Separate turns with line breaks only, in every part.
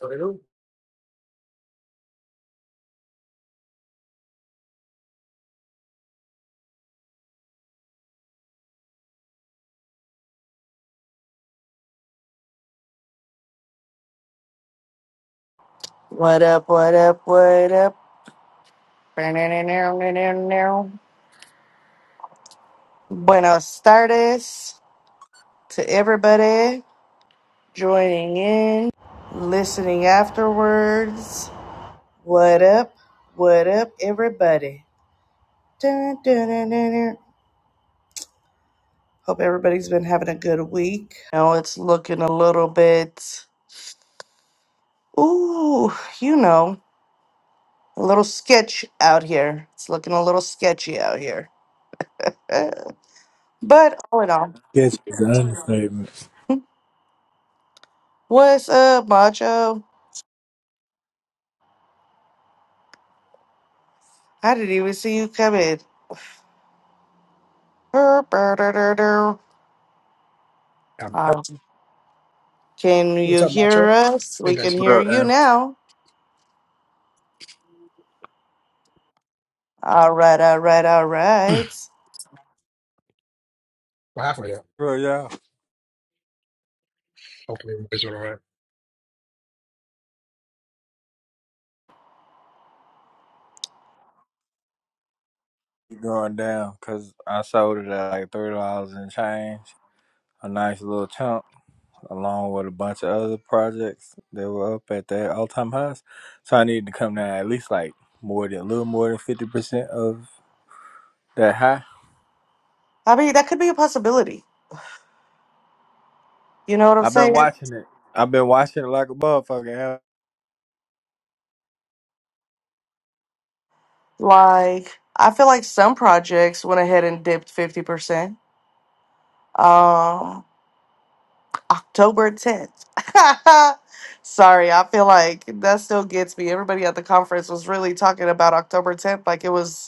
Hello.
What up, what up, what up? Buenos tardes to everybody joining in, listening afterwards. What up, what up, everybody? Dun, dun, dun, dun, dun. Hope everybody's been having a good week. Now it's looking a little bit, ooh, you know, a little sketch out here. It's looking a little sketchy out here. Uh, But all in all,
Yes, it's an understatement.
what's up, Macho? I didn't even see you coming. Burr, burr, dur, dur, dur.
Yeah.
Uh, Can
What's
you
up, Macho?
hear us?
Hey
We
guys,
can hear
Bro,
you
uh,
now. All right, all right, all right.
we're halfway there.
bro, y'all
Hopefully, you guys are all right.
keep going down because I sold it at like three dollars and change, a nice little chunk, along with a bunch of other projects that were up at their all time highs. So I needed to come down at least like more than a little more than fifty percent of that high.
I mean, that could be a possibility. You know what I'm
I've been
saying?
watching it. I've been watching it like a motherfucker. Hell,
Like, I feel like some projects went ahead and dipped 50%. Um, October 10th. Sorry, I feel like that still gets me. Everybody at the conference was really talking about October 10th like it was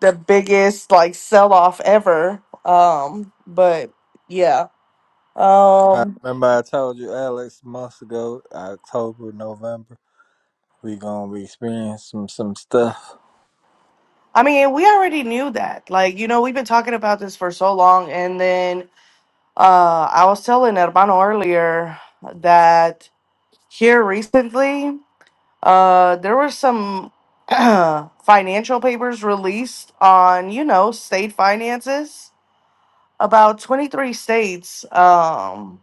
the biggest like sell off ever. Um, but yeah.
I
Um
remember I told you Alex months ago, October, November, we gonna be experiencing some some stuff.
I mean we already knew that. Like, you know, we've been talking about this for so long and then uh I was telling Hermano earlier that here recently, uh there were some financial papers released on, you know, state finances. About twenty three states um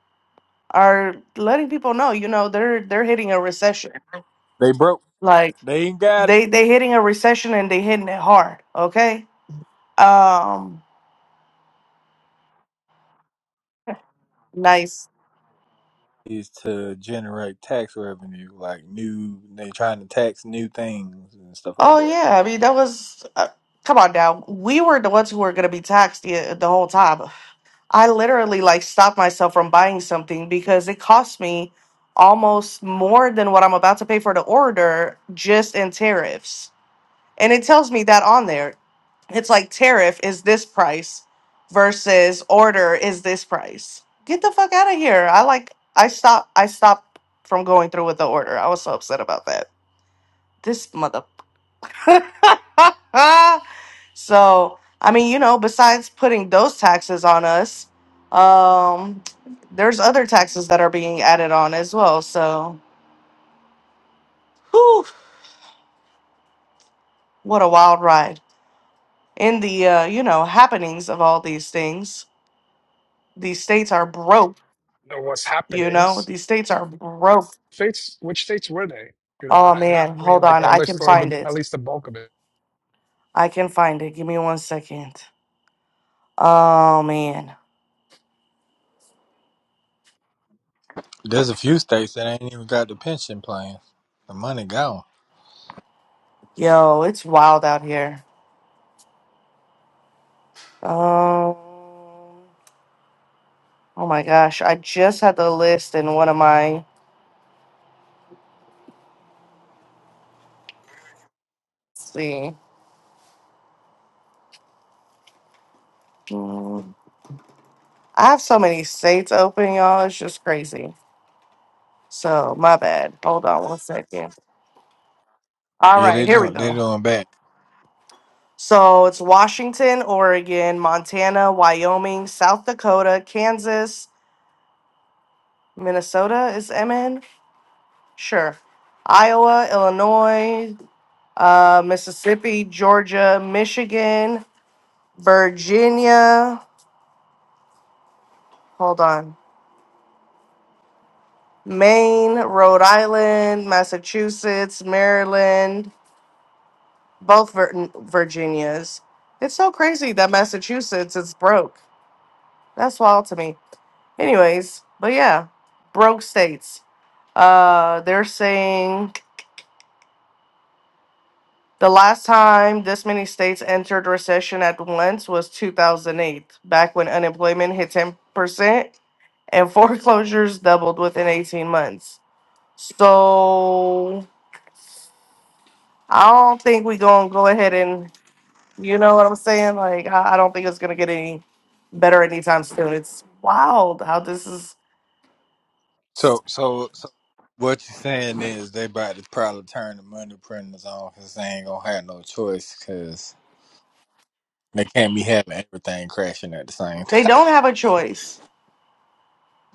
are letting people know, you know, they're they're hitting a recession
They broke.
Like
They ain't got it.
they they hitting a recession and they hitting it hard. Okay. Um. Nice.
is to generate tax revenue, like new. They trying to tax new things and stuff like
Oh
that.
yeah. I mean that was. Uh, come on now. We were the ones who were gonna be taxed the, the whole time. I literally like stopped myself from buying something because it cost me almost more than what I'm about to pay for the order just in tariffs. and it tells me that on there it's like tariff is this price versus order is this price get the fuck out of here i like i stopped i stopped from going through with the order i was so upset about that this mother so i mean you know besides putting those taxes on us um there's other taxes that are being added on as well so whew, what a wild ride in the uh, you know happenings of all these things These states are broke,
Know what's
you know?
happenings?
These states are broke.
States, which states were they? If you don't
Oh
mind, not
man,
I mean
hold
like
on.
or at
I
least
can
or the
find
at
it.
least the bulk of it.
I can find it. Give me one second. Oh man.
There's a few states that ain't even got the pension plans. The money gone.
Yo, it's wild out here. Um Oh my gosh, I just had the list in one of my let's see. Mm, I have so many states open, y'all. It's just crazy. So, my bad. Hold on one second. All
Yeah, they
right, here we
doing they
go.
doing bad.
So it's Washington, Oregon, Montana, Wyoming, South Dakota, Kansas, Minnesota is MN? Sure. Iowa, Illinois, uh, Mississippi, Georgia, Michigan, Virginia, hold on, Maine, Rhode Island, Massachusetts, Maryland, both Vir- Virginias. It's so crazy that Massachusetts is broke. That's wild to me. Anyways, but yeah, broke states. Uh, they're saying the last time this many states entered recession at once was 2008, back when unemployment hit 10% and foreclosures doubled within 18 months. So I don't think we're going to go ahead and, you know what I'm saying? Like, I I don't think it's going to get any better anytime soon. It's wild how this is,
So so so, what you're saying is they about to probably turn the money printers off because they ain't gonna have no choice because they can't be having everything crashing at the same
they
time.
don't have a choice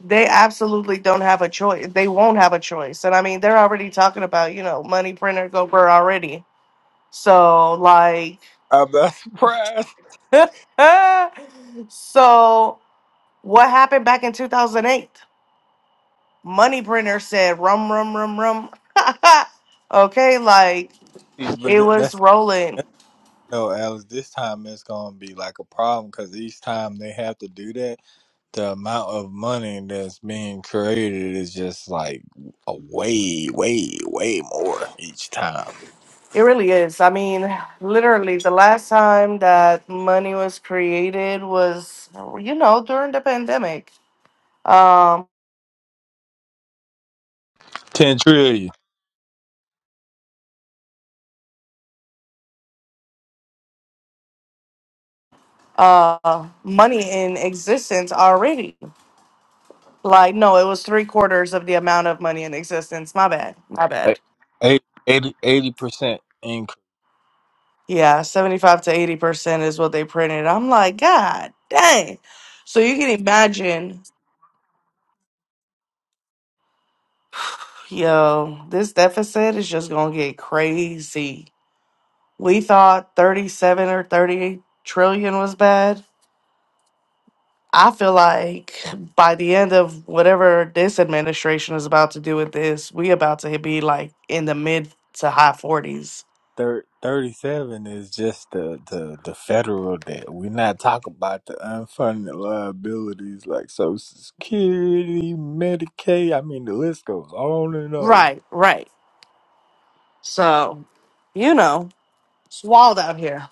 They absolutely don't have a choice. They won't have a choice. And I mean, they're already talking about, you know, money printer gober already. So, like,
I'm not surprised,
so what happened back in 2008? Money printer said, rum, rum, rum, rum. okay, like,
but
it
that-
was
that's.
rolling.
No, Alex, this time it's gonna be like a problem because each time they have to do that, the amount of money that's being created is just like a way, way, way more each time.
It really is. I mean, literally, the last time that money was created was, you know, during the pandemic. Um.
Ten trillion,
uh money in existence already. Like no, it was three quarters of the amount of money in existence. My bad. My
like
bad.
80 percent increase.
Yeah, 75 to 80 percent is what they printed. I'm like, God dang. So you can imagine, yo, this deficit is just gonna get crazy. We thought 37 or 38 trillion was bad. I feel like by the end of whatever this administration is about to do with this, we about to be like in the mid to high forties.
Thir- Thirty-seven is just the, the the federal debt. We're not talking about the unfunded liabilities like Social Security, Medicaid. I mean, the list goes on and on.
Right, right. So, you know, it's wild out here.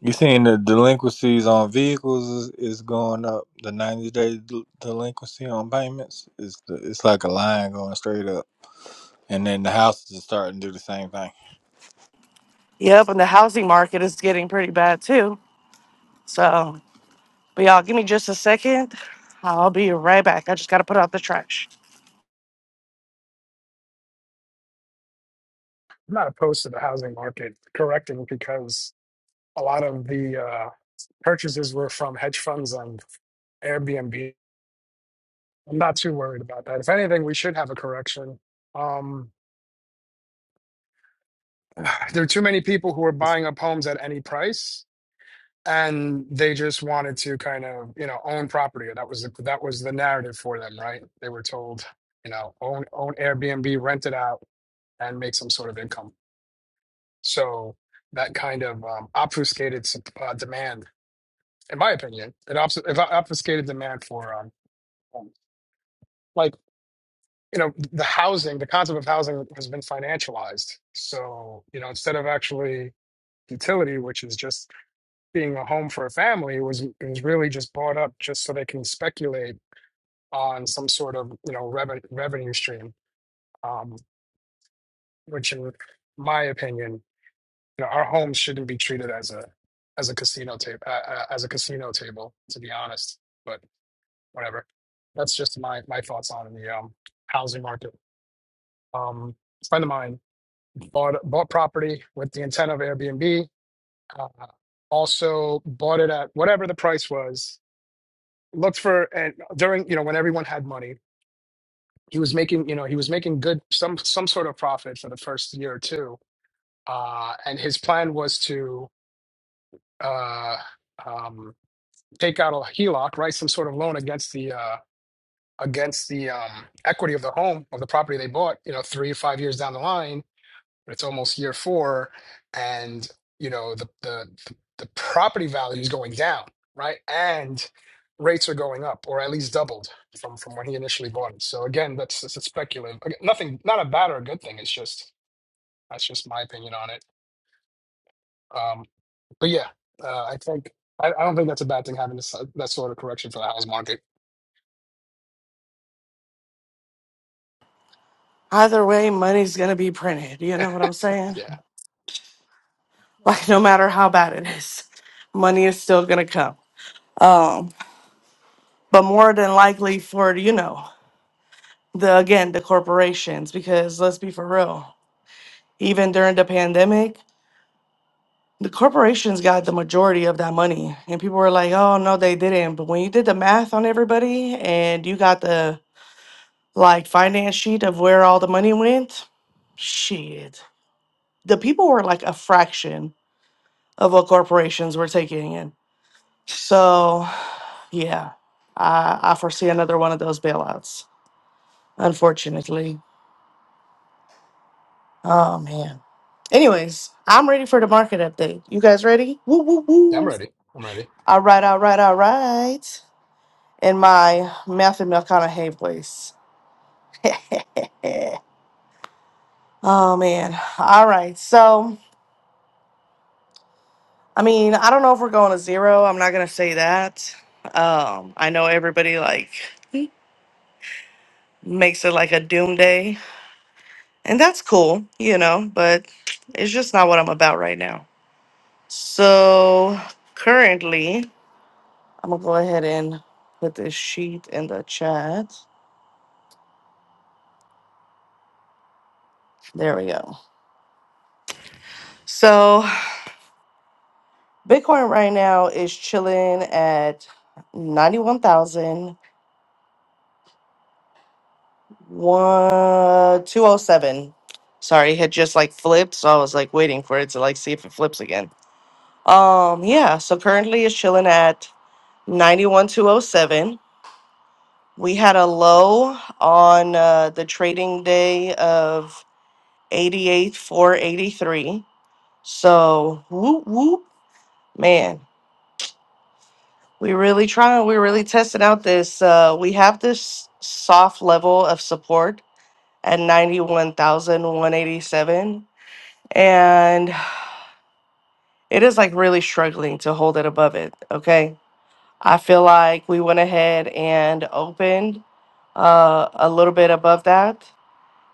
You seen the delinquencies on vehicles is, is going up. The ninety day del- delinquency on payments is the, it's like a line going straight up, and then the houses are starting to do the same thing.
Yep, and the housing market is getting pretty bad too. So, but y'all, give me just a second. I'll be right back. I just gotta put out the trash.
I'm not opposed to the housing market correcting because a lot of the uh, purchases were from hedge funds and Airbnb. I'm not too worried about that. If anything, we should have a correction. Um, there are too many people who are buying up homes at any price. and they just wanted to kind of you know own property that was the, that was the narrative for them right they were told you know own own airbnb rent it out and make some sort of income so that kind of um, obfuscated sup- uh, demand in my opinion it obs- it obfuscated demand for um, um, like you know the housing the concept of housing has been financialized so you know instead of actually utility which is just being a home for a family it was it was really just bought up just so they can speculate on some sort of you know revenue revenue stream, um, which in my opinion, you know, our homes shouldn't be treated as a as a casino table uh, uh, as a casino table to be honest. But whatever, that's just my my thoughts on the um, housing market. Um, a friend of mine bought bought property with the intent of Airbnb. Uh, also bought it at whatever the price was. Looked for and during you know when everyone had money he was making you know he was making good some some sort of profit for the first year or two uh and his plan was to uh um take out a HELOC right some sort of loan against the uh against the um equity of the home of the property they bought you know 3 or 5 years down the line it's almost year four and you know the the the property value is going down right and rates are going up or at least doubled from from when he initially bought it so again that's that's it's speculative Again, nothing not a bad or a good thing it's just that's just my opinion on it um but yeah uh, i think I, I don't think that's a bad thing having this uh, that sort of correction for the house market
Either way, money's going to be printed. You know what I'm saying?
yeah
Like, no matter how bad it is, money is still going to come. Um. but more than likely for you know the again the corporations because let's be for real even during the pandemic the corporations got the majority of that money and people were like oh no they didn't but when you did the math on everybody and you got the like finance sheet of where all the money went shit the people were like a fraction of what corporations were taking in so yeah i i foresee another one of those bailouts unfortunately Oh man. Anyways, I'm ready for the market update. You guys ready? Woo woo
yeah i'm
woo.
ready i'm ready
All right, all right, all right. In my Matthew McConaughey voice. oh man. All right. So I mean, I don't know if we're going to zero. I'm not gonna say that. Um, I know everybody like makes it like a doom day, and that's cool, you know, but it's just not what I'm about right now. So currently I'm gonna go ahead and put this sheet in the chat. There we go. So Bitcoin right now is chilling at ninety-one thousand one two oh seven. Sorry, it had just like flipped, so I was like waiting for it to like see if it flips again. Um, yeah. So currently it's chilling at ninety-one two oh seven. We had a low on uh, the trading day of eighty-eight four eighty-three So whoop whoop, man, we really trying. We really tested out this. Uh, we have this soft level of support at ninety one thousand one eighty seven, and it is like really struggling to hold it above it. Okay, I feel like we went ahead and opened uh, a little bit above that,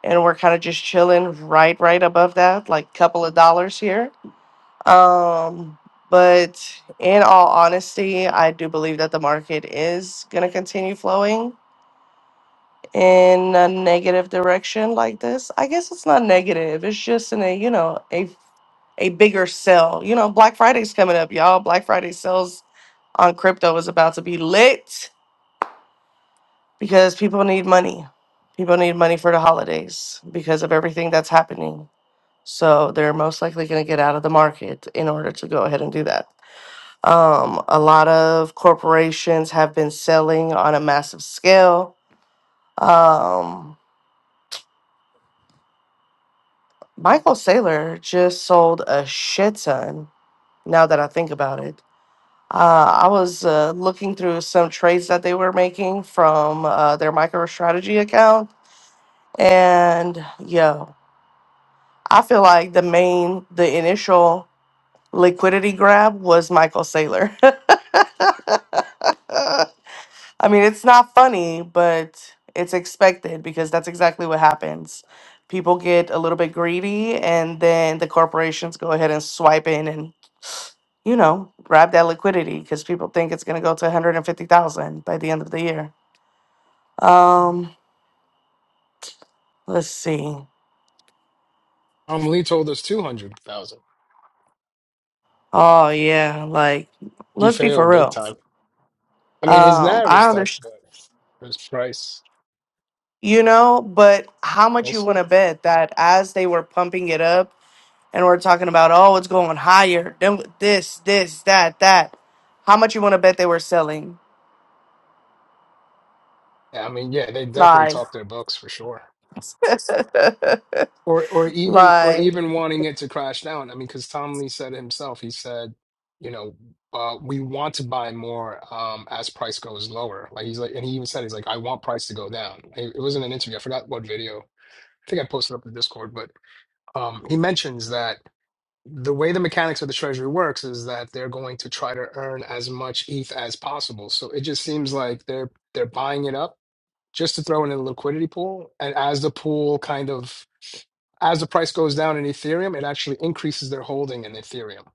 and we're kind of just chilling right, right above that, like couple of dollars here Um, but in all honesty, I do believe that the market is going to continue flowing in a negative direction like this. I guess it's not negative. It's just in a, you know, a a bigger sell. You know, Black Friday's coming up, y'all. Black Friday sales on crypto is about to be lit because people need money. People need money for the holidays because of everything that's happening. So they're most likely going to get out of the market in order to go ahead and do that. Um, a lot of corporations have been selling on a massive scale. Um, Michael Saylor just sold a shit ton now that I think about it. Uh, I was uh, looking through some trades that they were making from uh, their MicroStrategy account. And yo, I feel like the main, the initial liquidity grab was Michael Saylor. I mean, it's not funny, but it's expected because that's exactly what happens. People get a little bit greedy, and then the corporations go ahead and swipe in and you know grab that liquidity because people think it's going to go to one hundred and fifty thousand by the end of the year. Um, let's see.
um lee told us 200000
Oh yeah, like
he
let's be for
failed big
real.
time i mean his
Um,
narrative
I
stuck
understand,
but his price
you know, but how much
We'll
you want
see.
to bet that as they were pumping it up? and we're talking about oh it's going higher then this this that that how much you want to bet they were selling
I mean, yeah, they definitely
lies
talk their books for sure. Or or even or
lies
even wanting it to crash down. I mean, because Tom Lee said it himself, he said, you know, uh, we want to buy more um, as price goes lower. Like he's like, and he even said he's like, I want price to go down. It, it was in an interview. I forgot what video. I think I posted up in Discord, but um, he mentions that the way the mechanics of the treasury works is that they're going to try to earn as much ETH as possible. So it just seems like they're they're buying it up just to throw in a liquidity pool. And as the pool kind of as the price goes down in Ethereum, it actually increases their holding in Ethereum.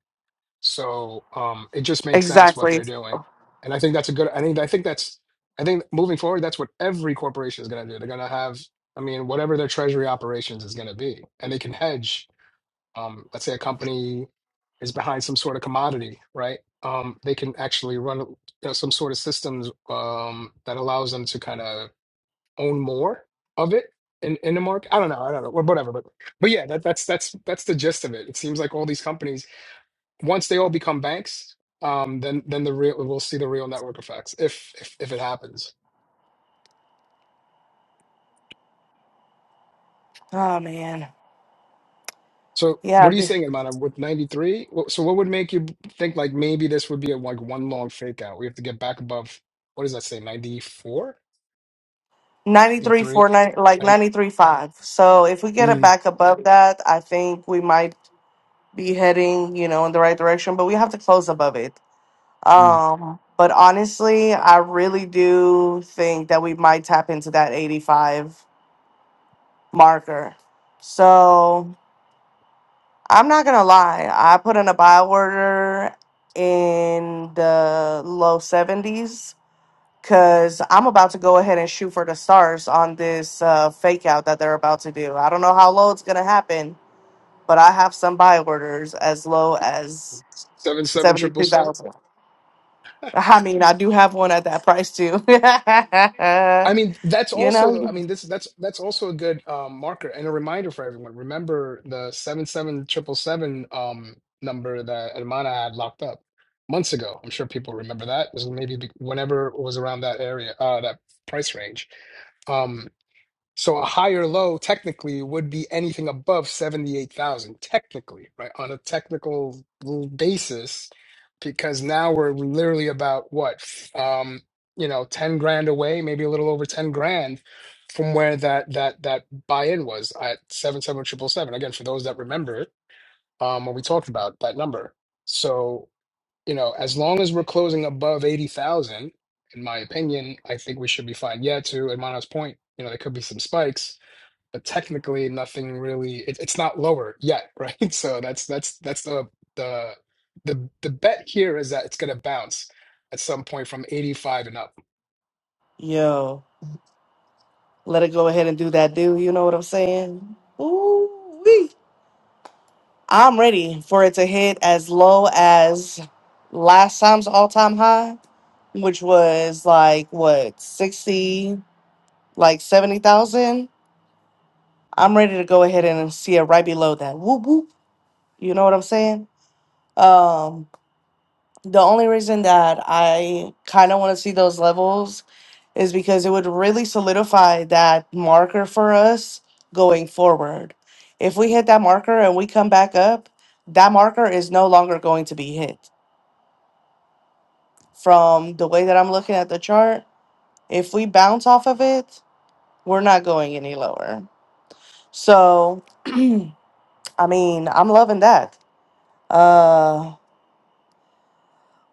So um, it just makes sense what
exactly
they're doing, and I think that's a good. I think I think that's I think moving forward, that's what every corporation is going to do. They're going to have, I mean, whatever their treasury operations is going to be, and they can hedge. Um, let's say a company is behind some sort of commodity, right? Um, they can actually run you know, some sort of systems um, that allows them to kind of own more of it in, in the market. I don't know. I don't know. Whatever. But but yeah, that, that's that's that's the gist of it. It seems like all these companies, once they all become banks, um, then then the real we'll see the real network effects if if, if it happens.
oh man
So what
yeah
are you saying, Amanda? With ninety three, so what would make you think like maybe this would be a, like one long fake out? We have to get back above. What does that say? 94?
ninety three
93?
four nine, like
Nine,
93 five so if we get it
mm,
back above that i think we might be heading you know in the right direction but we have to close above it
mm.
um but honestly i really do think that we might tap into that 85 marker. So I'm not gonna lie, I put in a buy order in the low 70s because I'm about to go ahead and shoot for the stars on this uh, fake out that they're about to do. I don't know how low it's gonna happen, but I have some buy orders as low as
Seven seven triple seven.
72,000. I mean, I do have one at that price too.
I mean, that's
you
also the- I
know,
mean this that's that's also a good um, marker and a reminder for everyone. Remember the seven seven triple seven um number that Hermana had locked up months ago. I'm sure people remember that. It was maybe be- whenever it was around that area, uh, that price range. Um, so a higher low technically would be anything above 78,000, technically, right? On a technical l- basis, because now we're literally about what, f- um, you know, 10 grand away, maybe a little over 10 grand from where that that that buy-in was at seven-seven triple seven. Again, for those that remember it, um, when we talked about that number. So, you know, as long as we're closing above 80,000, in my opinion, I think we should be fine. Yeah, to Hermana's point, you know, there could be some spikes but technically nothing really it, it's not lower yet right so that's that's that's the the the the bet here is that it's going to bounce at some point from 85 and up
yo, let it go ahead and do that, dude. you know what I'm saying? Ooh, I'm ready for it to hit as low as last time's all time high, which was like what, 60, like 70,000. I'm ready to go ahead and see it right below that. Whoop whoop. You know what I'm saying? Um, the only reason that I kind of want to see those levels is because it would really solidify that marker for us going forward. If we hit that marker and we come back up, that marker is no longer going to be hit From the way that I'm looking at the chart, if we bounce off of it, we're not going any lower. So, I mean, I'm loving that. Uh,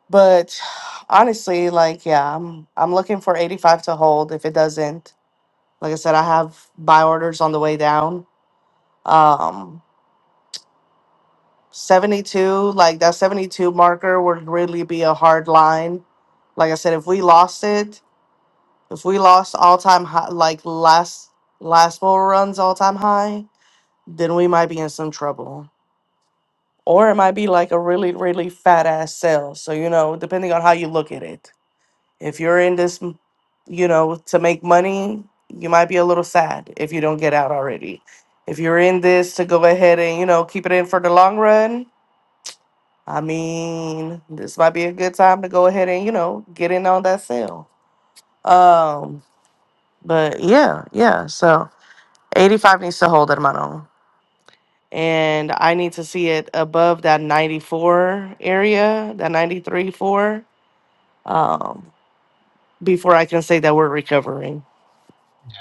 but honestly, like, yeah, I'm I'm looking for 85 to hold. If it doesn't, like I said, I have buy orders on the way down. Um, 72, like that 72 marker would really be a hard line. Like I said, if we lost it, If we lost all time high, like last last four runs all time high, then we might be in some trouble. Or it might be like a really really fat ass sell. So you know, depending on how you look at it. If you're in this, m- you know, to make money, you might be a little sad if you don't get out already. If you're in this to go ahead and you know keep it in for the long run, I mean, this might be a good time to go ahead and you know get in on that sale. Um, but yeah, yeah. So 85 needs to hold, at a minimum, And I need to see it above that 94 area, that 93 4, um, before I can say that we're recovering.
yeah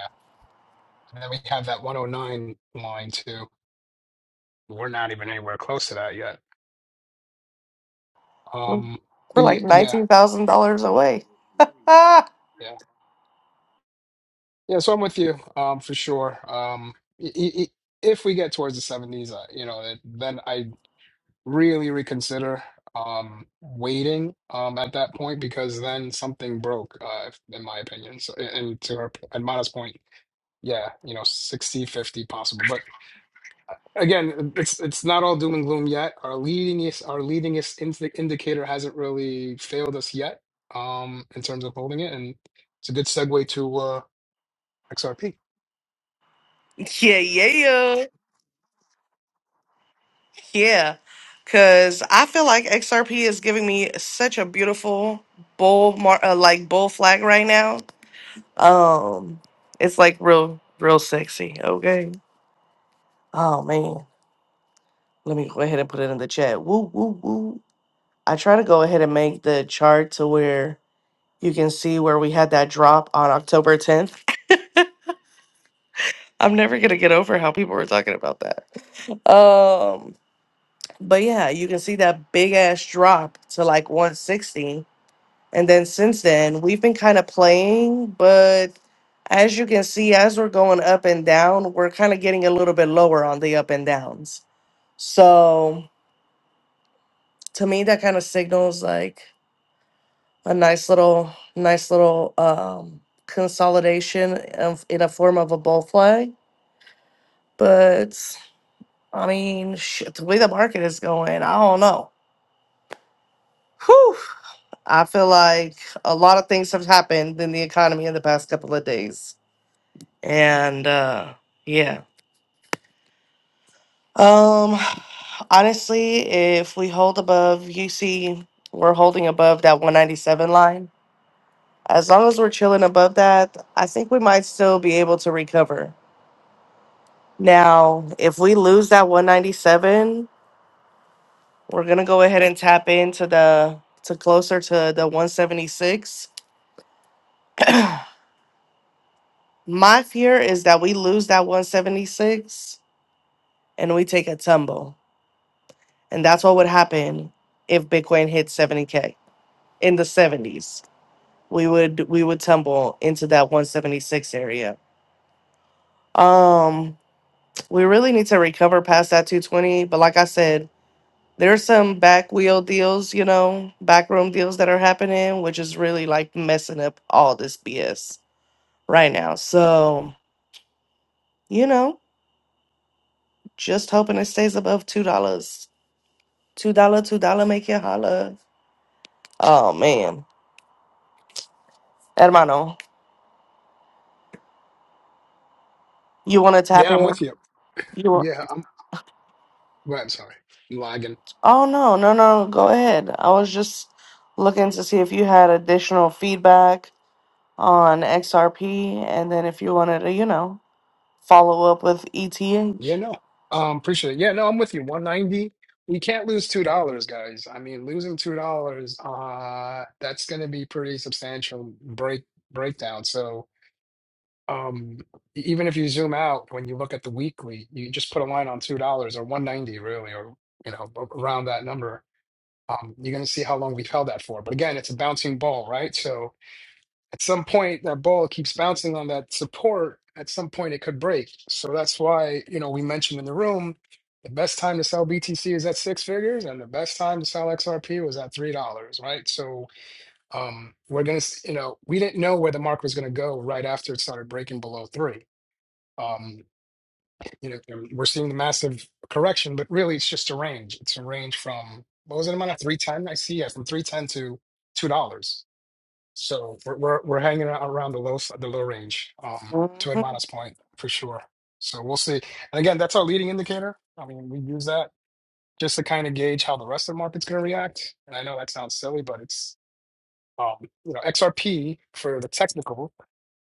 and then we have that 109 line too we're not even anywhere close to that yet
We're
um
we're
but ye-
like
yeah
$19,000 away. Ah,
yeah yeah so i'm with you um for sure um i- i- i- if we get towards the 70s uh, you know then i really reconsider um waiting um at that point because then something broke uh if- in my opinion so and to her and Mata's point yeah you know 60 50 possible but again it's it's not all doom and gloom yet our leading our leading indi indicator hasn't really failed us yet um in terms of holding it and it's a good segue to uh XRP
yeah, yeah, yeah. Yeah. Cause I feel like XRP is giving me such a beautiful bull, mar- uh, like bull flag right now. Um, it's like real, real sexy. Okay. Oh man. Let me go ahead and put it in the chat. Woo, woo, woo. I try to go ahead and make the chart to where you can see where we had that drop on October 10th. I'm never gonna get over how people were talking about that. Um, but yeah, you can see that big ass drop to like 160. And then since then, we've been kind of playing, but as you can see, as we're going up and down, we're kind of getting a little bit lower on the up and downs. So to me, that kind of signals like a nice little nice little um consolidation of in a form of a bull flag but i mean shit, the way the market is going i don't know Whew, i feel like a lot of things have happened in the economy in the past couple of days and uh yeah um honestly if we hold above you see, we're holding above that 197 line as long as we're chilling above that i think we might still be able to recover Now, if we lose that 197, we're gonna go ahead and tap into the to closer to the 176. My fear is that we lose that 176 and we take a tumble. And that's what would happen if Bitcoin hit 70k in the 70s. We would we would tumble into that 176 area. Um we really need to recover past that 220, but like I said, There's some back wheel deals, you know, backroom deals that are happening, which is really like messing up all this BS right now. So, you know, just hoping it stays above two dollars. Two dollar, two dollar, make you holla. Oh man, hermano, you want to tap
yeah I'm
in?
with you
You want?
yeah I'm right I'm sorry I'm lagging.
Oh no, no, no. Go ahead. I was just looking to see if you had additional feedback on XRP, and then if you wanted to, you know, follow up with ETH.
Yeah, no. Um, appreciate it. Yeah, no, I'm with you. 190. We can't lose two dollars, guys. I mean, losing two dollars, uh, that's gonna be pretty substantial break breakdown. So um e- even if you zoom out when you look at the weekly, you just put a line on two dollars or 190 really, or you know, a- around that number. Um, you're gonna see how long we've held that for. But again, it's a bouncing ball, right? So at some point, that ball keeps bouncing on that support. At some point, it could break. So that's why, you know, we mentioned in the room the best time to sell BTC is at six figures, and the best time to sell XRP was at three dollars, right? So um, we're gonna, s- you know, we didn't know where the market was gonna go right after it started breaking below three. Um, you know, we're seeing the massive correction, but really, it's just a range. It's a range from what was it amount of three ten? I see, yeah, from three ten to two dollars so we're we're, we're hanging out around the low s- the low range, um, to Hermana's point for sure. So we'll see. And again, that's our leading indicator. I mean, we use that just to kind of gauge how the rest of the market's going to react. And I know that sounds silly, but it's um, you know XRP for the technical.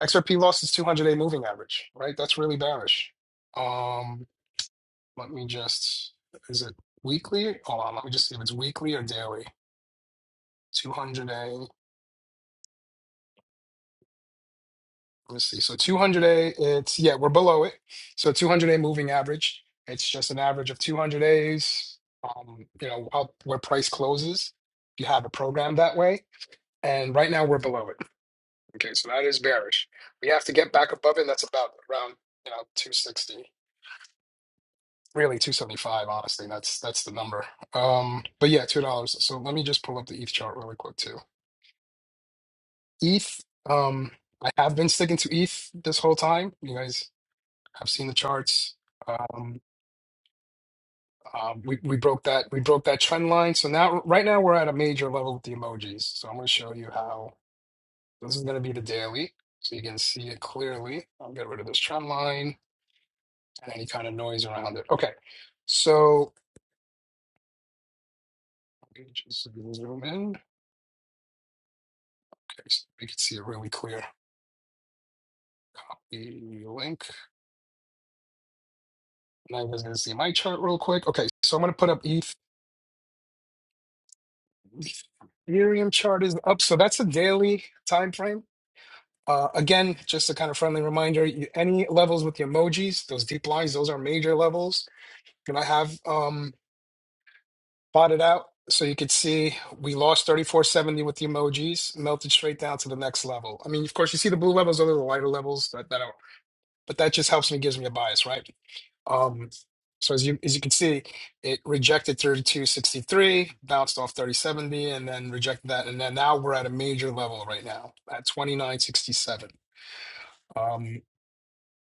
XRP lost its 200-day moving average, right? That's really bearish. Um, let me just is it weekly? Hold on, let me just see if it's weekly or daily. 200-day. Let's see. So 200A, it's, yeah, we're below it. So 200A moving average, it's just an average of 200 A's, um, you know, out where price closes. You have a program that way. And right now we're below it. Okay. So that is bearish. We have to get back above it. And That's about around, you know, 260, really 275, honestly. That's, that's the number. Um, but yeah, $2. So let me just pull up the ETH chart really quick too. ETH, um, I have been sticking to ETH this whole time. You guys I've seen the charts. Um, um, we we broke that we broke that trend line. So now right now we're at a major level with the emojis. So I'm going to show you how this is going to be the daily, so you can see it clearly. I'll get rid of this trend line and any kind of noise around it. Okay, so let me just zoom in. Okay, so we can see it really clear. Copy link. Now you guys going to see my chart real quick. Okay, so I'm going to put up ETH. Ethereum chart is up, so that's a daily time frame. Uh, again, just a kind of friendly reminder, you, any levels with the emojis, those deep lines, those are major levels. And I have um, plotted out so you could see we lost 3470 with the emojis, melted straight down to the next level. I mean, of course, you see the blue levels, those are the lighter levels that, that are, but that just helps me, gives me a bias, right? Um, so as you as you can see, it rejected 3263, bounced off 3070, and then rejected that. And then now we're at a major level right now at 2967.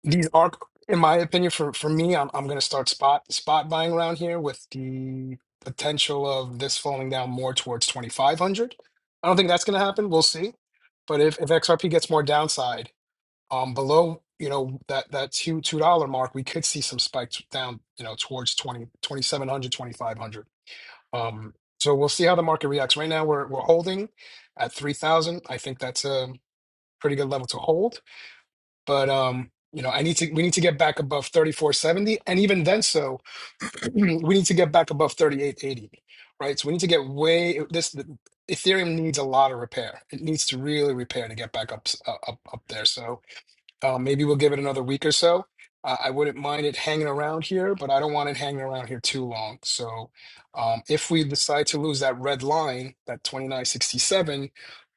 These are, in my opinion, for for me, I'm I'm gonna start spot spot buying around here with the potential of this falling down more towards 2,500. I don't think that's gonna happen. We'll see. But if if XRP gets more downside, um, below, you know, that that two two dollar mark, we could see some spikes down, you know, towards 20 2,700, 2,500. Um, so we'll see how the market reacts. Right now, we're we're holding at 3,000. I think that's a pretty good level to hold but um you know i need to we need to get back above 3470 and even then so we need to get back above 3880 right so we need to get way this the, ethereum needs a lot of repair it needs to really repair to get back up s- uh, up up there so uh, maybe we'll give it another week or so. Uh, I wouldn't mind it hanging around here, but I don't want it hanging around here too long. So, um, if we decide to lose that red line, that 2967,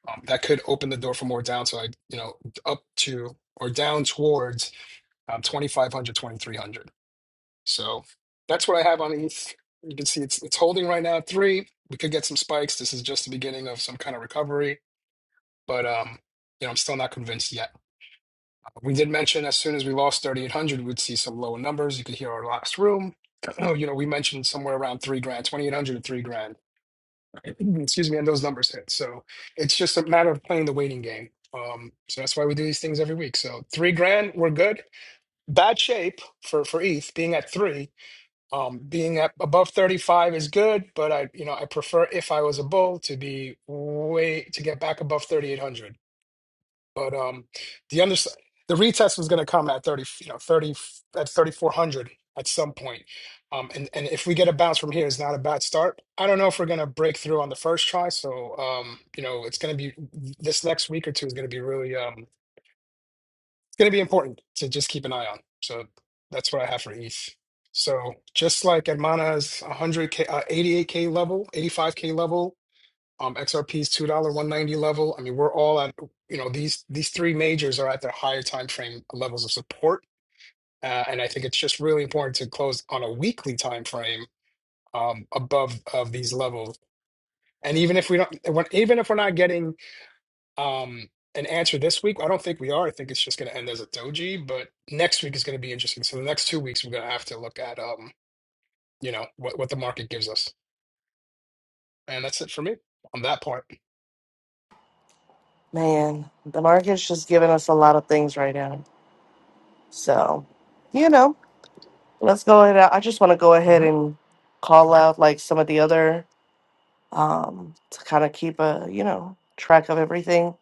um, that could open the door for more downside, you know, up to or down towards um, 2500, So, that's what I have on ETH. You can see it's it's holding right now at three. We could get some spikes. This is just the beginning of some kind of recovery, but um, you know, I'm still not convinced yet. We did mention as soon as we lost 3,800, we'd see some lower numbers. You could hear our last room. You know, we mentioned somewhere around three grand, 2,800 to three grand. Excuse me, and those numbers hit. So it's just a matter of playing the waiting game. Um, so that's why we do these things every week. So three grand, we're good. Bad shape for for ETH being at three. Um, being at above 35 is good, but I, you know, I prefer if I was a bull to be way to get back above 3,800. But um, the under the retest was going to come at 30, you know, 30 at 3400 at some point. Um, and and if we get a bounce from here, it's not a bad start. I don't know if we're going to break through on the first try. So um, you know, it's going to be this next week or two is going to be really um, it's going to be important to just keep an eye on. So that's what I have for ETH. So just like Hermana's 100k, uh, 88k level, 85k level, um, XRP's two dollar one ninety level. I mean, we're all at you know these these three majors are at their higher time frame levels of support, uh, and I think it's just really important to close on a weekly time frame um, above of these levels. And even if we don't, when, even if we're not getting um, an answer this week, I don't think we are. I think it's just going to end as a doji. But next week is going to be interesting. So the next two weeks, we're going to have to look at um, you know what what the market gives us, and that's it for me on that part.
Man, the market's just giving us a lot of things right now. So, you know, let's go ahead. I just want to go ahead and call out like some of the other um to kind of keep a, you know, track of everything.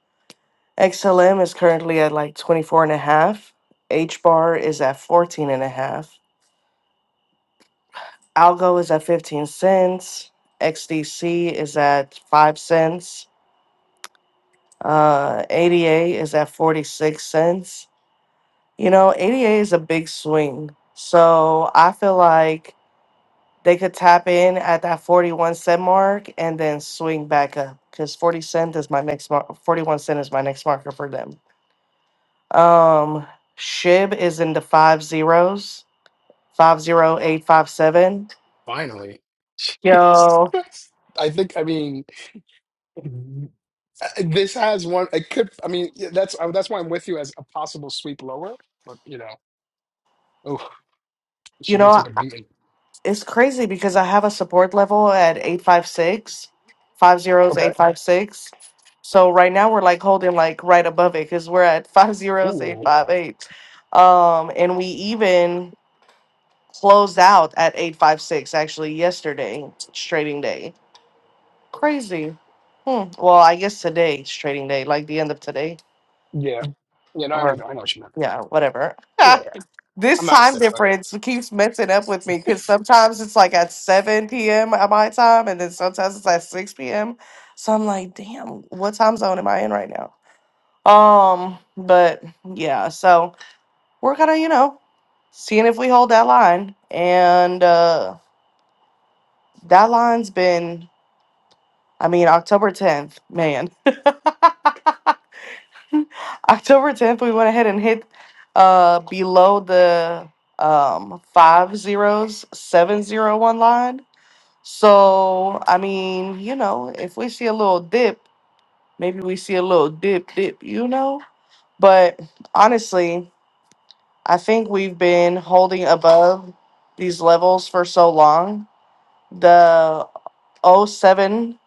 XLM is currently at like 24 and a half. H bar is at 14 and a half. Algo is at 15 cents. XDC is at 5 cents. Uh, ADA is at 46 cents. You know, ADA is a big swing. So I feel like they could tap in at that 41 cent mark and then swing back up because 40 cent is my next mark. 41 cent is my next marker for them. Um, Shib is in the five zeros, 50857.
Finally. Jesus
Yo,
Christ. I think, I mean, uh, this has one. It could, I mean, yeah, that's uh, that's why I'm with you as a possible sweep lower, but you know, oh, she
you
really
know,
took a beating.
It's crazy because I have a support level at
Okay.
856, So right now we're like holding like right above it because we're at
Ooh,
50858. Um, and we even closed out at 856 actually yesterday, it's trading day. Crazy. Hmm. Well, I guess today, it's trading day, like the end of today
yeah. Yeah, no, I,
or
always- I know what you meant.
yeah, whatever.
Yeah, yeah. I'm
This
not a
time
stickler.
difference keeps messing up with me because sometimes it's like at 7 p.m. at my time, and then sometimes it's at 6 p.m. So I'm like, damn, what time zone am I in right now? Um, but yeah, so we're kind of, you know, seeing if we hold that line. And uh that line's been, I mean, October 10th, man. October 10th, we went ahead and hit uh below the um five zeros, seven zero one line So, I mean, you know, if we see a little dip, maybe we see a little dip, dip, you know? But honestly, I think we've been holding above these levels for so long. The oh 07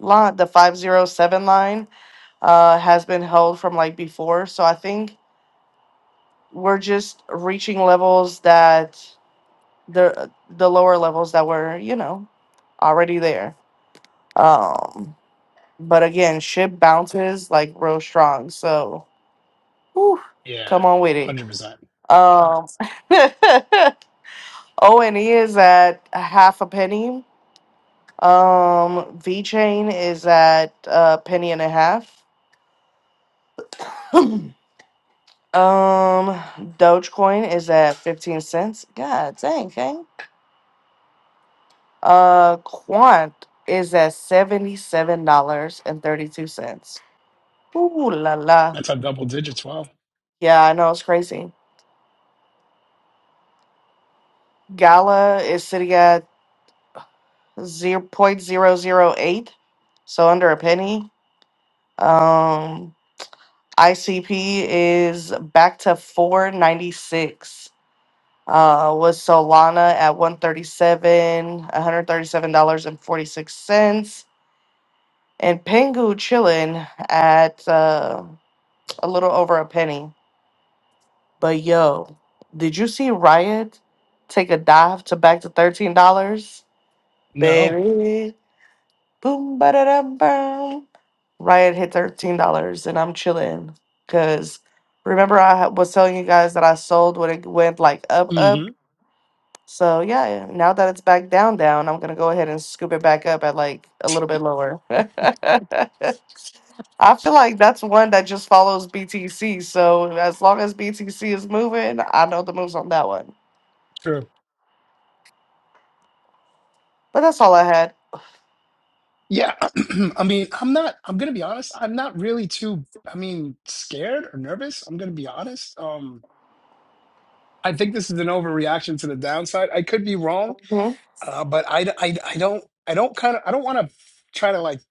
line, the 507 line, uh, has been held from like before. So I think we're just reaching levels that the the lower levels that were, you know, already there. Um, But again, ship bounces like real strong. So whew,
Yeah,
come on with it.
100%.
Um O and E is at a half a penny. Um V chain is at a penny and a half. um Dogecoin is at 15 cents. God dang, okay. Uh Quant is at $77.32. Ooh la la.
That's a double digits. Wow.
Yeah, I know it's crazy. Gala is sitting at zero point zero zero eight, so under a penny. Um, ICP is back to four ninety six. Uh, with Solana at one thirty seven, one hundred thirty seven dollars and forty six cents, and Pengu chilling at uh, a little over a penny. But yo, did you see Riot take a dive to back to thirteen dollars,
No.
baby? Boom, ba da dum, Riot hit thirteen dollars, and I'm chilling. Cause remember, I ha- was telling you guys that I sold when it went like up, up.
Mm-hmm.
So yeah, now that it's back down, down, I'm gonna go ahead and scoop it back up at like a little bit lower. I feel like that's one that just follows BTC. So as long as BTC is moving, I know the moves on that one.
True.
But that's all I had.
Yeah. I mean, I'm not, I'm going to be honest. I'm not really too, I mean, scared or nervous. I'm going to be honest. Um. I think this is an overreaction to the downside. I could be wrong,
Mhm.
uh, but I, I, I don't I don't kind of I don't want to try to like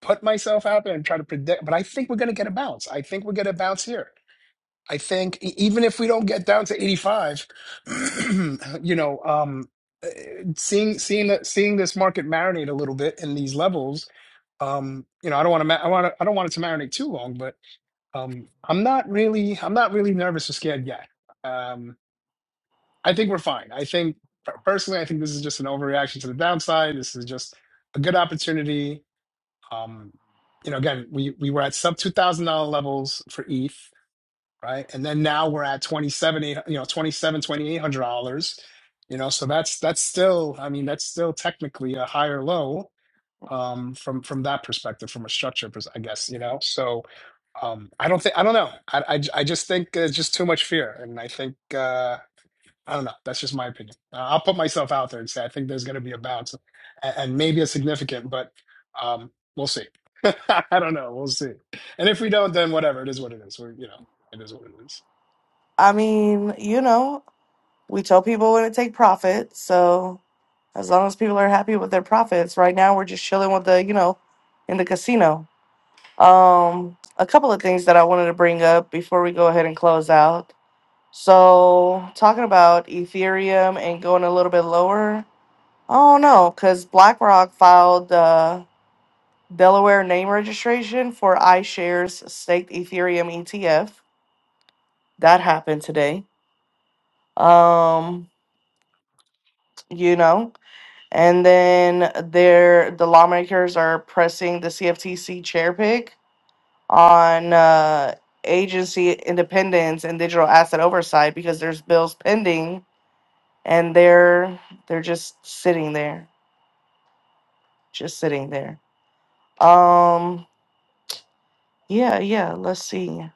put myself out there and try to predict. But I think we're going to get a bounce. I think we're going to bounce here. I think e- even if we don't get down to 85, you know, um, uh, seeing seeing that seeing this market marinate a little bit in these levels, um, you know, I don't want to. Ma- I want. to I don't want it to marinate too long, but um, I'm not really. I'm not really nervous or scared yet. Um, I think we're fine. I think personally, I think this is just an overreaction to the downside. This is just a good opportunity. Um, you know, again, we we were at sub two thousand dollar levels for ETH, right? And then now we're at twenty seven, eight, you know, twenty seven, twenty eight hundred dollars. You know, so that's that's still, I mean, that's still technically a higher low um, from from that perspective, from a structure, pers- I guess. You know, so um, I don't think I don't know. I, I I just think there's just too much fear, and I think. Uh, I don't know. That's just my opinion. Uh, I'll put myself out there and say I think there's going to be a bounce, and, and maybe a significant, but um, we'll see. I don't know. We'll see. And if we don't, then whatever. It is what it is. We're, you know, it is what it is.
I mean, you know, we tell people when to take profit, so as long as people are happy with their profits. Right now, we're just chilling with the, you know, in the casino. Um, a couple of things that I wanted to bring up before we go ahead and close out. So, talking about Ethereum and going a little bit lower. Oh no, because BlackRock filed the Delaware name registration for iShares staked Ethereum ETF. That happened today. Um, you know. And then there, the lawmakers are pressing the CFTC chair pick on uh, agency independence and digital asset oversight because there's bills pending and they're they're just sitting there, just sitting there. Um, yeah, yeah. Let's see.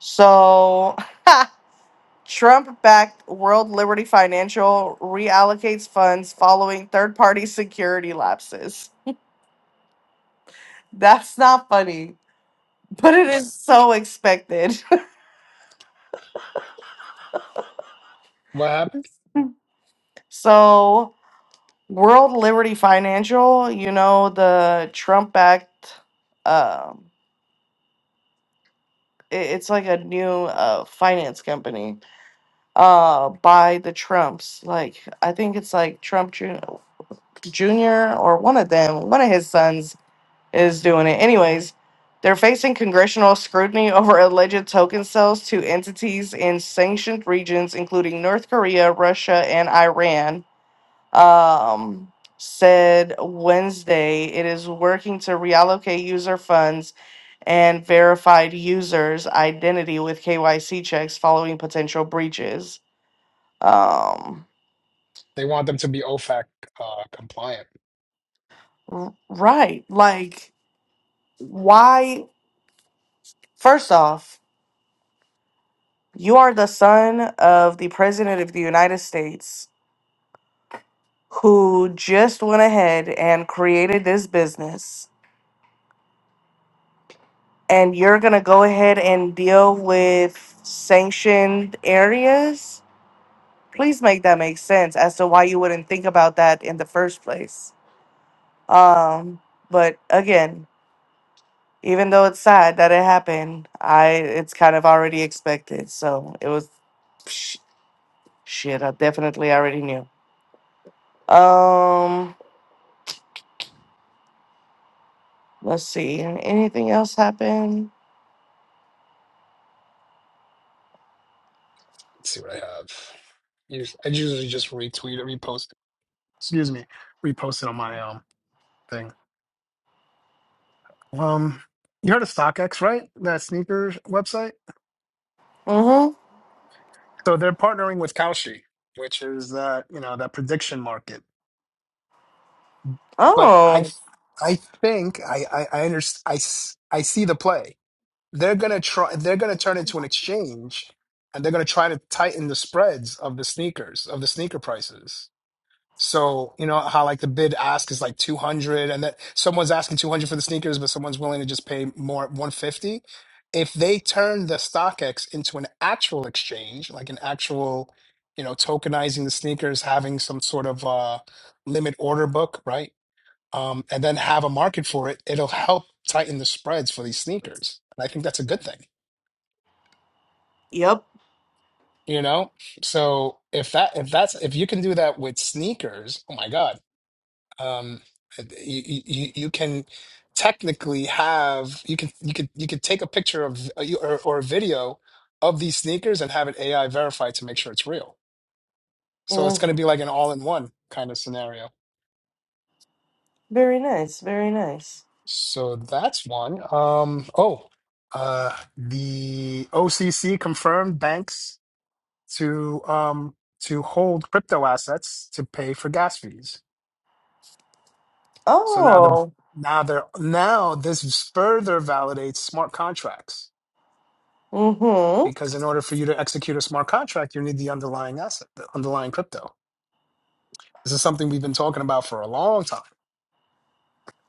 So. Trump backed World Liberty Financial reallocates funds following third party security lapses. That's not funny. but it is so expected.
What happened?
so, World Liberty Financial, you know, the Trump backed, um, i- it's like a new uh, finance company uh, by the Trumps. Like, I think it's like Trump Jr. Jr. or one of them, one of his sons is doing it. Anyways, they're facing congressional scrutiny over alleged token sales to entities in sanctioned regions, including North Korea, Russia, and Iran um, said Wednesday it is working to reallocate user funds and verified users' identity with KYC checks following potential breaches. Um,
They want them to be OFAC uh, compliant.
r- right. Like, why? First off, you are the son of the President of the United States who just went ahead and created this business and you're gonna go ahead and deal with sanctioned areas, please make that make sense as to why you wouldn't think about that in the first place. Um, but again, even though it's sad that it happened, I it's kind of already expected, so it was sh- shit. I definitely already knew. Um, let's see. Anything else happen?
Let's see what I have. Us- I usually just retweet or repost. Excuse me, repost it on my um thing. Um, you heard of StockX, right? That sneaker website.
Mm-hmm.
So they're partnering with Kalshi, which is uh, you know that prediction market. But I
Oh,
I think I I I, under, I s- I see the play. They're gonna try. They're gonna turn into an exchange, and they're gonna try to tighten the spreads of the sneakers of the sneaker prices. So, you know how like the bid ask is like 200 and that someone's asking 200 for the sneakers, but someone's willing to just pay more 150. If they turn the StockX into an actual exchange, like an actual, you know, tokenizing the sneakers, having some sort of uh limit order book, right? Um, and then have a market for it, it'll help tighten the spreads for these sneakers. And I think that's a good thing,
yep.
you know? So if that if that's if you can do that with sneakers, oh my God um you, you you can technically have you can you could you could take a picture of uh, you- or, or a video of these sneakers and have it AI verified to make sure it's real. So it's
Mm,
going to be like an all-in-one kind of scenario.
very nice. Very nice.
So that's one. Um oh, uh the OCC confirmed banks to um to hold crypto assets to pay for gas fees. So now the
Oh.
now they're now this further validates smart contracts
Mm-hmm.
because in order for you to execute a smart contract, you need the underlying asset, the underlying crypto. This is something we've been talking about for a long time,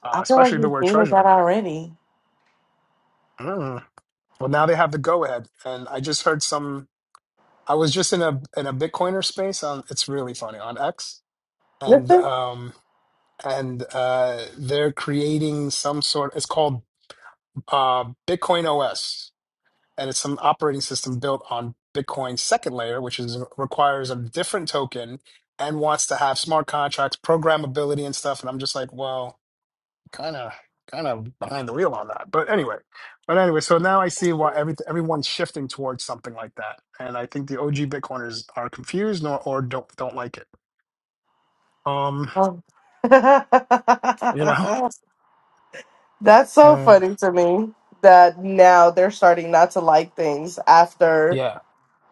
uh,
I feel like
especially the
you
word
dated that
treasury.
already.
Mm. Well, now they have the go ahead, and I just heard some. I was just in a in a Bitcoiner space on. It's really funny on X, and um and uh, they're creating some sort. It's called uh, Bitcoin OS. and it's an operating system built on Bitcoin's second layer, which is requires a different token and wants to have smart contracts, programmability, and stuff. And I'm just like, well, kind of, kind of behind the wheel on that. But anyway, but anyway, so now I see why every everyone's shifting towards something like that, and I think the OG Bitcoiners are confused or, or don't don't like it. Um,
Oh.
you know,
That's so
uh,
funny to me that now they're starting not to like things after,
yeah,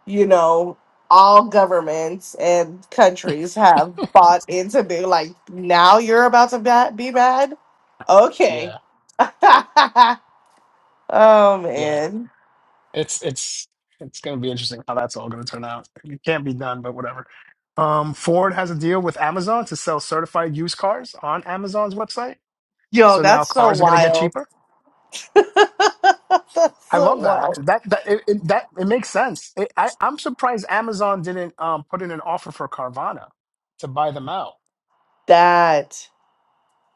you know, all governments and countries have bought into being like, now you're about to ba- be bad? Okay.
yeah,
oh,
yeah.
man.
It's it's it's going to be interesting how that's all going to turn out. It can't be done, but whatever. Um, Ford has a deal with Amazon to sell certified used cars on Amazon's website,
Yo,
so now
that's so
cars are going to get
wild.
cheaper.
that's
I
so
love that.
wild.
That that it, it, that it makes sense. It, I, I'm surprised Amazon didn't um, put in an offer for Carvana to buy them out.
That.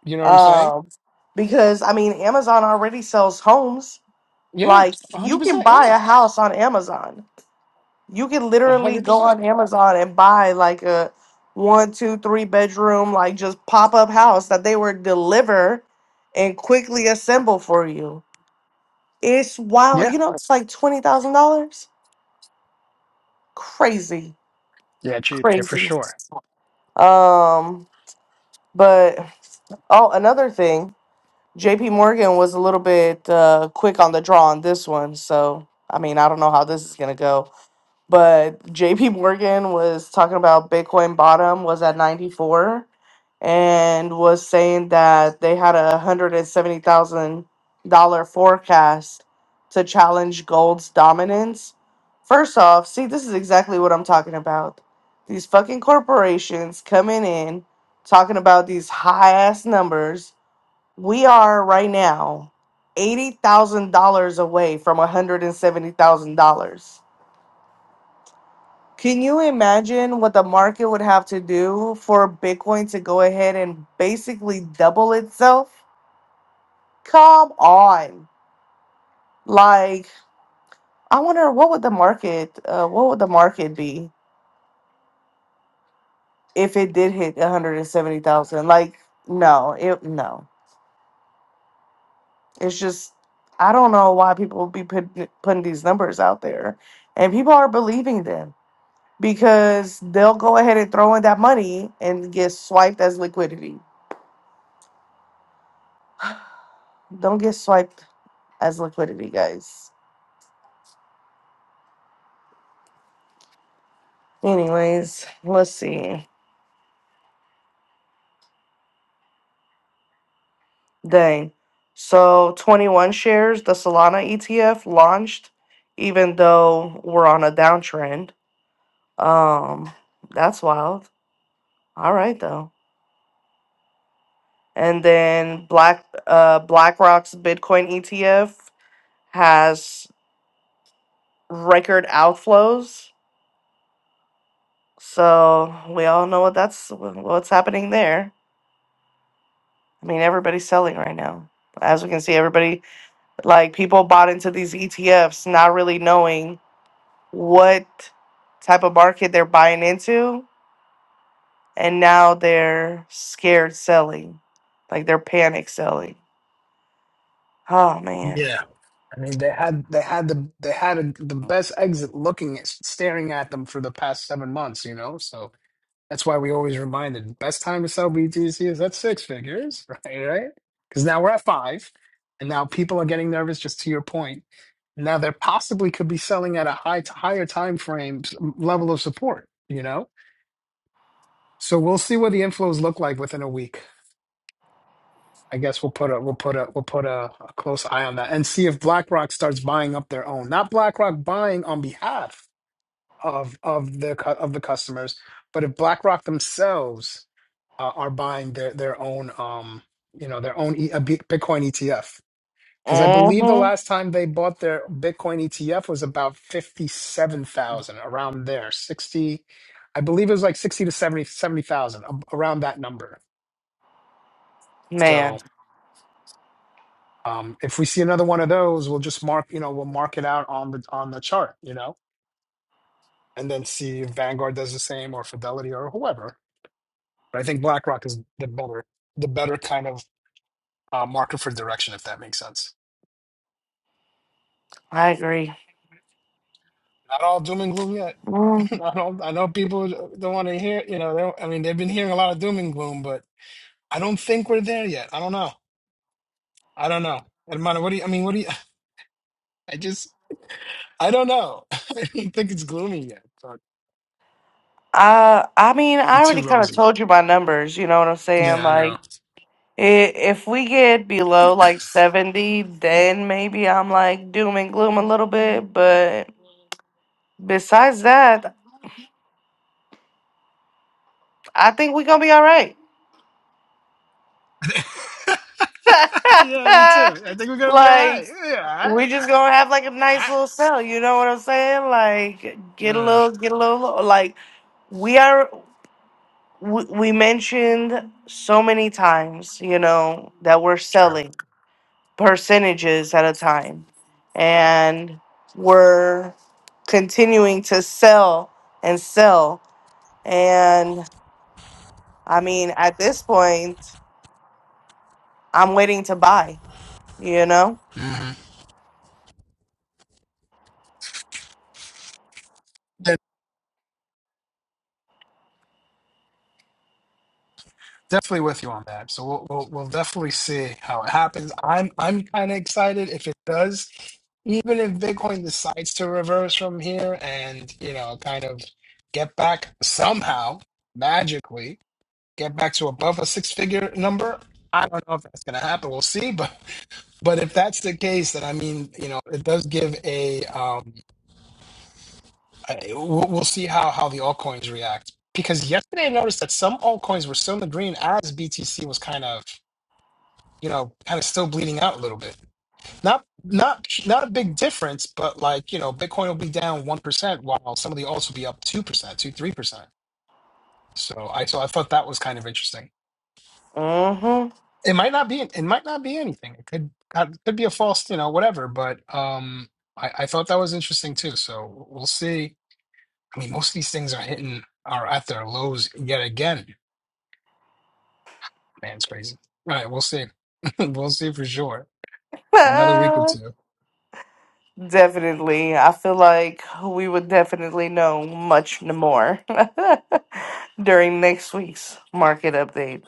You know what I'm saying?
Um, because I mean, Amazon already sells homes.
Yeah,
Like
100.
you can
percent
buy
Yeah,
a house on Amazon. You can literally
100.
go
percent
on Amazon and buy like a one, two, three bedroom, like just pop up house that they were deliver and quickly assemble for you. It's wild.
Yeah,
You know, it's like twenty thousand dollars. Crazy,
yeah, cheap yeah, for
crazy.
sure.
Um, but oh, another thing. JP Morgan was a little bit uh, quick on the draw on this one. So, I mean, I don't know how this is going to go. But JP Morgan was talking about Bitcoin bottom was at 94 and was saying that they had a $170,000 forecast to challenge gold's dominance. First off, see, this is exactly what I'm talking about. These fucking corporations coming in, talking about these high ass numbers we are right now $80,000 away from $170,000. Can you imagine what the market would have to do for Bitcoin to go ahead and basically double itself? Come on. Like, I wonder what would the market uh, what would the market be if it did hit 170,000? Like, no, it no. It's just I don't know why people be putting putting these numbers out there and people are believing them because they'll go ahead and throw in that money and get swiped as liquidity. Don't get swiped as liquidity, guys. Anyways, let's see. Dang. So 21 shares, the Solana ETF launched, even though we're on a downtrend. Um, that's wild. All right though. And then Black uh BlackRock's Bitcoin ETF has record outflows So we all know what that's wh- what's happening there. I mean, everybody's selling right now. As we can see, everybody like people bought into these ETFs, not really knowing what type of market they're buying into, and now they're scared selling, like they're panic selling. Oh man,
Yeah. I mean, they had they had the they had a, the best exit looking at staring at them for the past seven months, you know. So that's why we always reminded best time to sell BTC is at six figures, right? Right? Because now we're at five, and now people are getting nervous. Just to your point, now they possibly could be selling at a high higher time frame s- level of support, you know. So we'll see what the inflows look like within a week. I guess we'll put a we'll put a we'll put a, a close eye on that and see if BlackRock starts buying up their own. Not BlackRock buying on behalf of of the cu- of the customers, but if BlackRock themselves uh, are buying their their own um you know their own e- a B- Bitcoin ETF. Because I believe the
mm-hmm.
last time they bought their Bitcoin ETF was about fifty seven thousand around there sixty. I believe it was like sixty to 70 70,000 a- around that number. So.
man,
Um, if we see another one of those, we'll just mark, you know, we'll mark it out on the on the chart, you know, and then see if Vanguard does the same or Fidelity or whoever. But I think BlackRock is the better the better kind of uh, marker for direction, if that makes sense.
I agree.
Not all doom and gloom yet.
Mm.
I don't. I know people don't want to hear, you know, they don't, I mean, they've been hearing a lot of doom and gloom, but I don't think we're there yet. I don't know. I don't know. Hermano, what do you? I mean, what do you? I just. I don't know. I don't think it's gloomy yet. But
Uh, I mean,
I'm
I already
too
kind of
rosy.
told you my numbers. You know what I'm saying?
Yeah, I
Like,
know.
I if we get below like 70, then maybe I'm like doom and gloom a little bit. But besides that, I think we're going to be all right.
yeah, me too. I think we're gonna be all
like,
right. Yeah, all right.
we just going to have like a nice little
All
sell. You know what I'm saying? Like, get a
right. Uh,
little, get a little, like, we are, we, we mentioned so many times, you know, that we're
true.
selling. percentages at a time and we're continuing to sell and sell and i mean at this point i'm waiting to buy you know
Mhm. Yeah, definitely with you on that. So we'll, we'll we'll definitely see how it happens. I'm I'm kind of excited if it does. Even if Bitcoin decides to reverse from here and you know kind of get back somehow magically get back to above a six figure number. I don't know if that's going to happen. We'll see, but but if that's the case, then I mean, you know, it does give a um, I, we'll, we'll see how how the altcoins react because yesterday I noticed that some altcoins were still in the green as BTC was kind of you know kind of still bleeding out a little bit. Not not not a big difference, but like you know Bitcoin will be down one percent while some of the alts will be up two percent, two three percent. So I so I thought that was kind of interesting.
mhm
It might not be it might not be anything. It could it could be a false you know whatever, but um I, I thought that was interesting too. So we'll see I mean, most of these things are hitting are at their lows yet again. Man, it's crazy. All right, we'll see. we'll see for sure. Another week or 2
definitely i feel like we would definitely know much more during next week's market update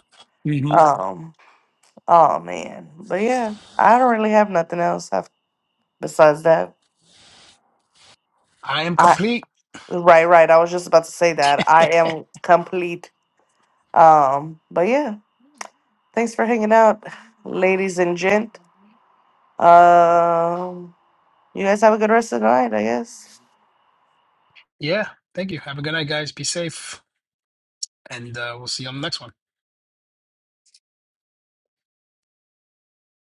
hmm
um oh man but yeah i don't really have nothing else af- besides that
I am complete.
Right, right. I was just about to say that. I am complete. Um, but yeah, thanks for hanging out, ladies and gent. Um, you guys have a good rest of the night, I guess.
Yeah. Thank you. Have a good night, guys. Be safe. And uh, we'll see you on the next one.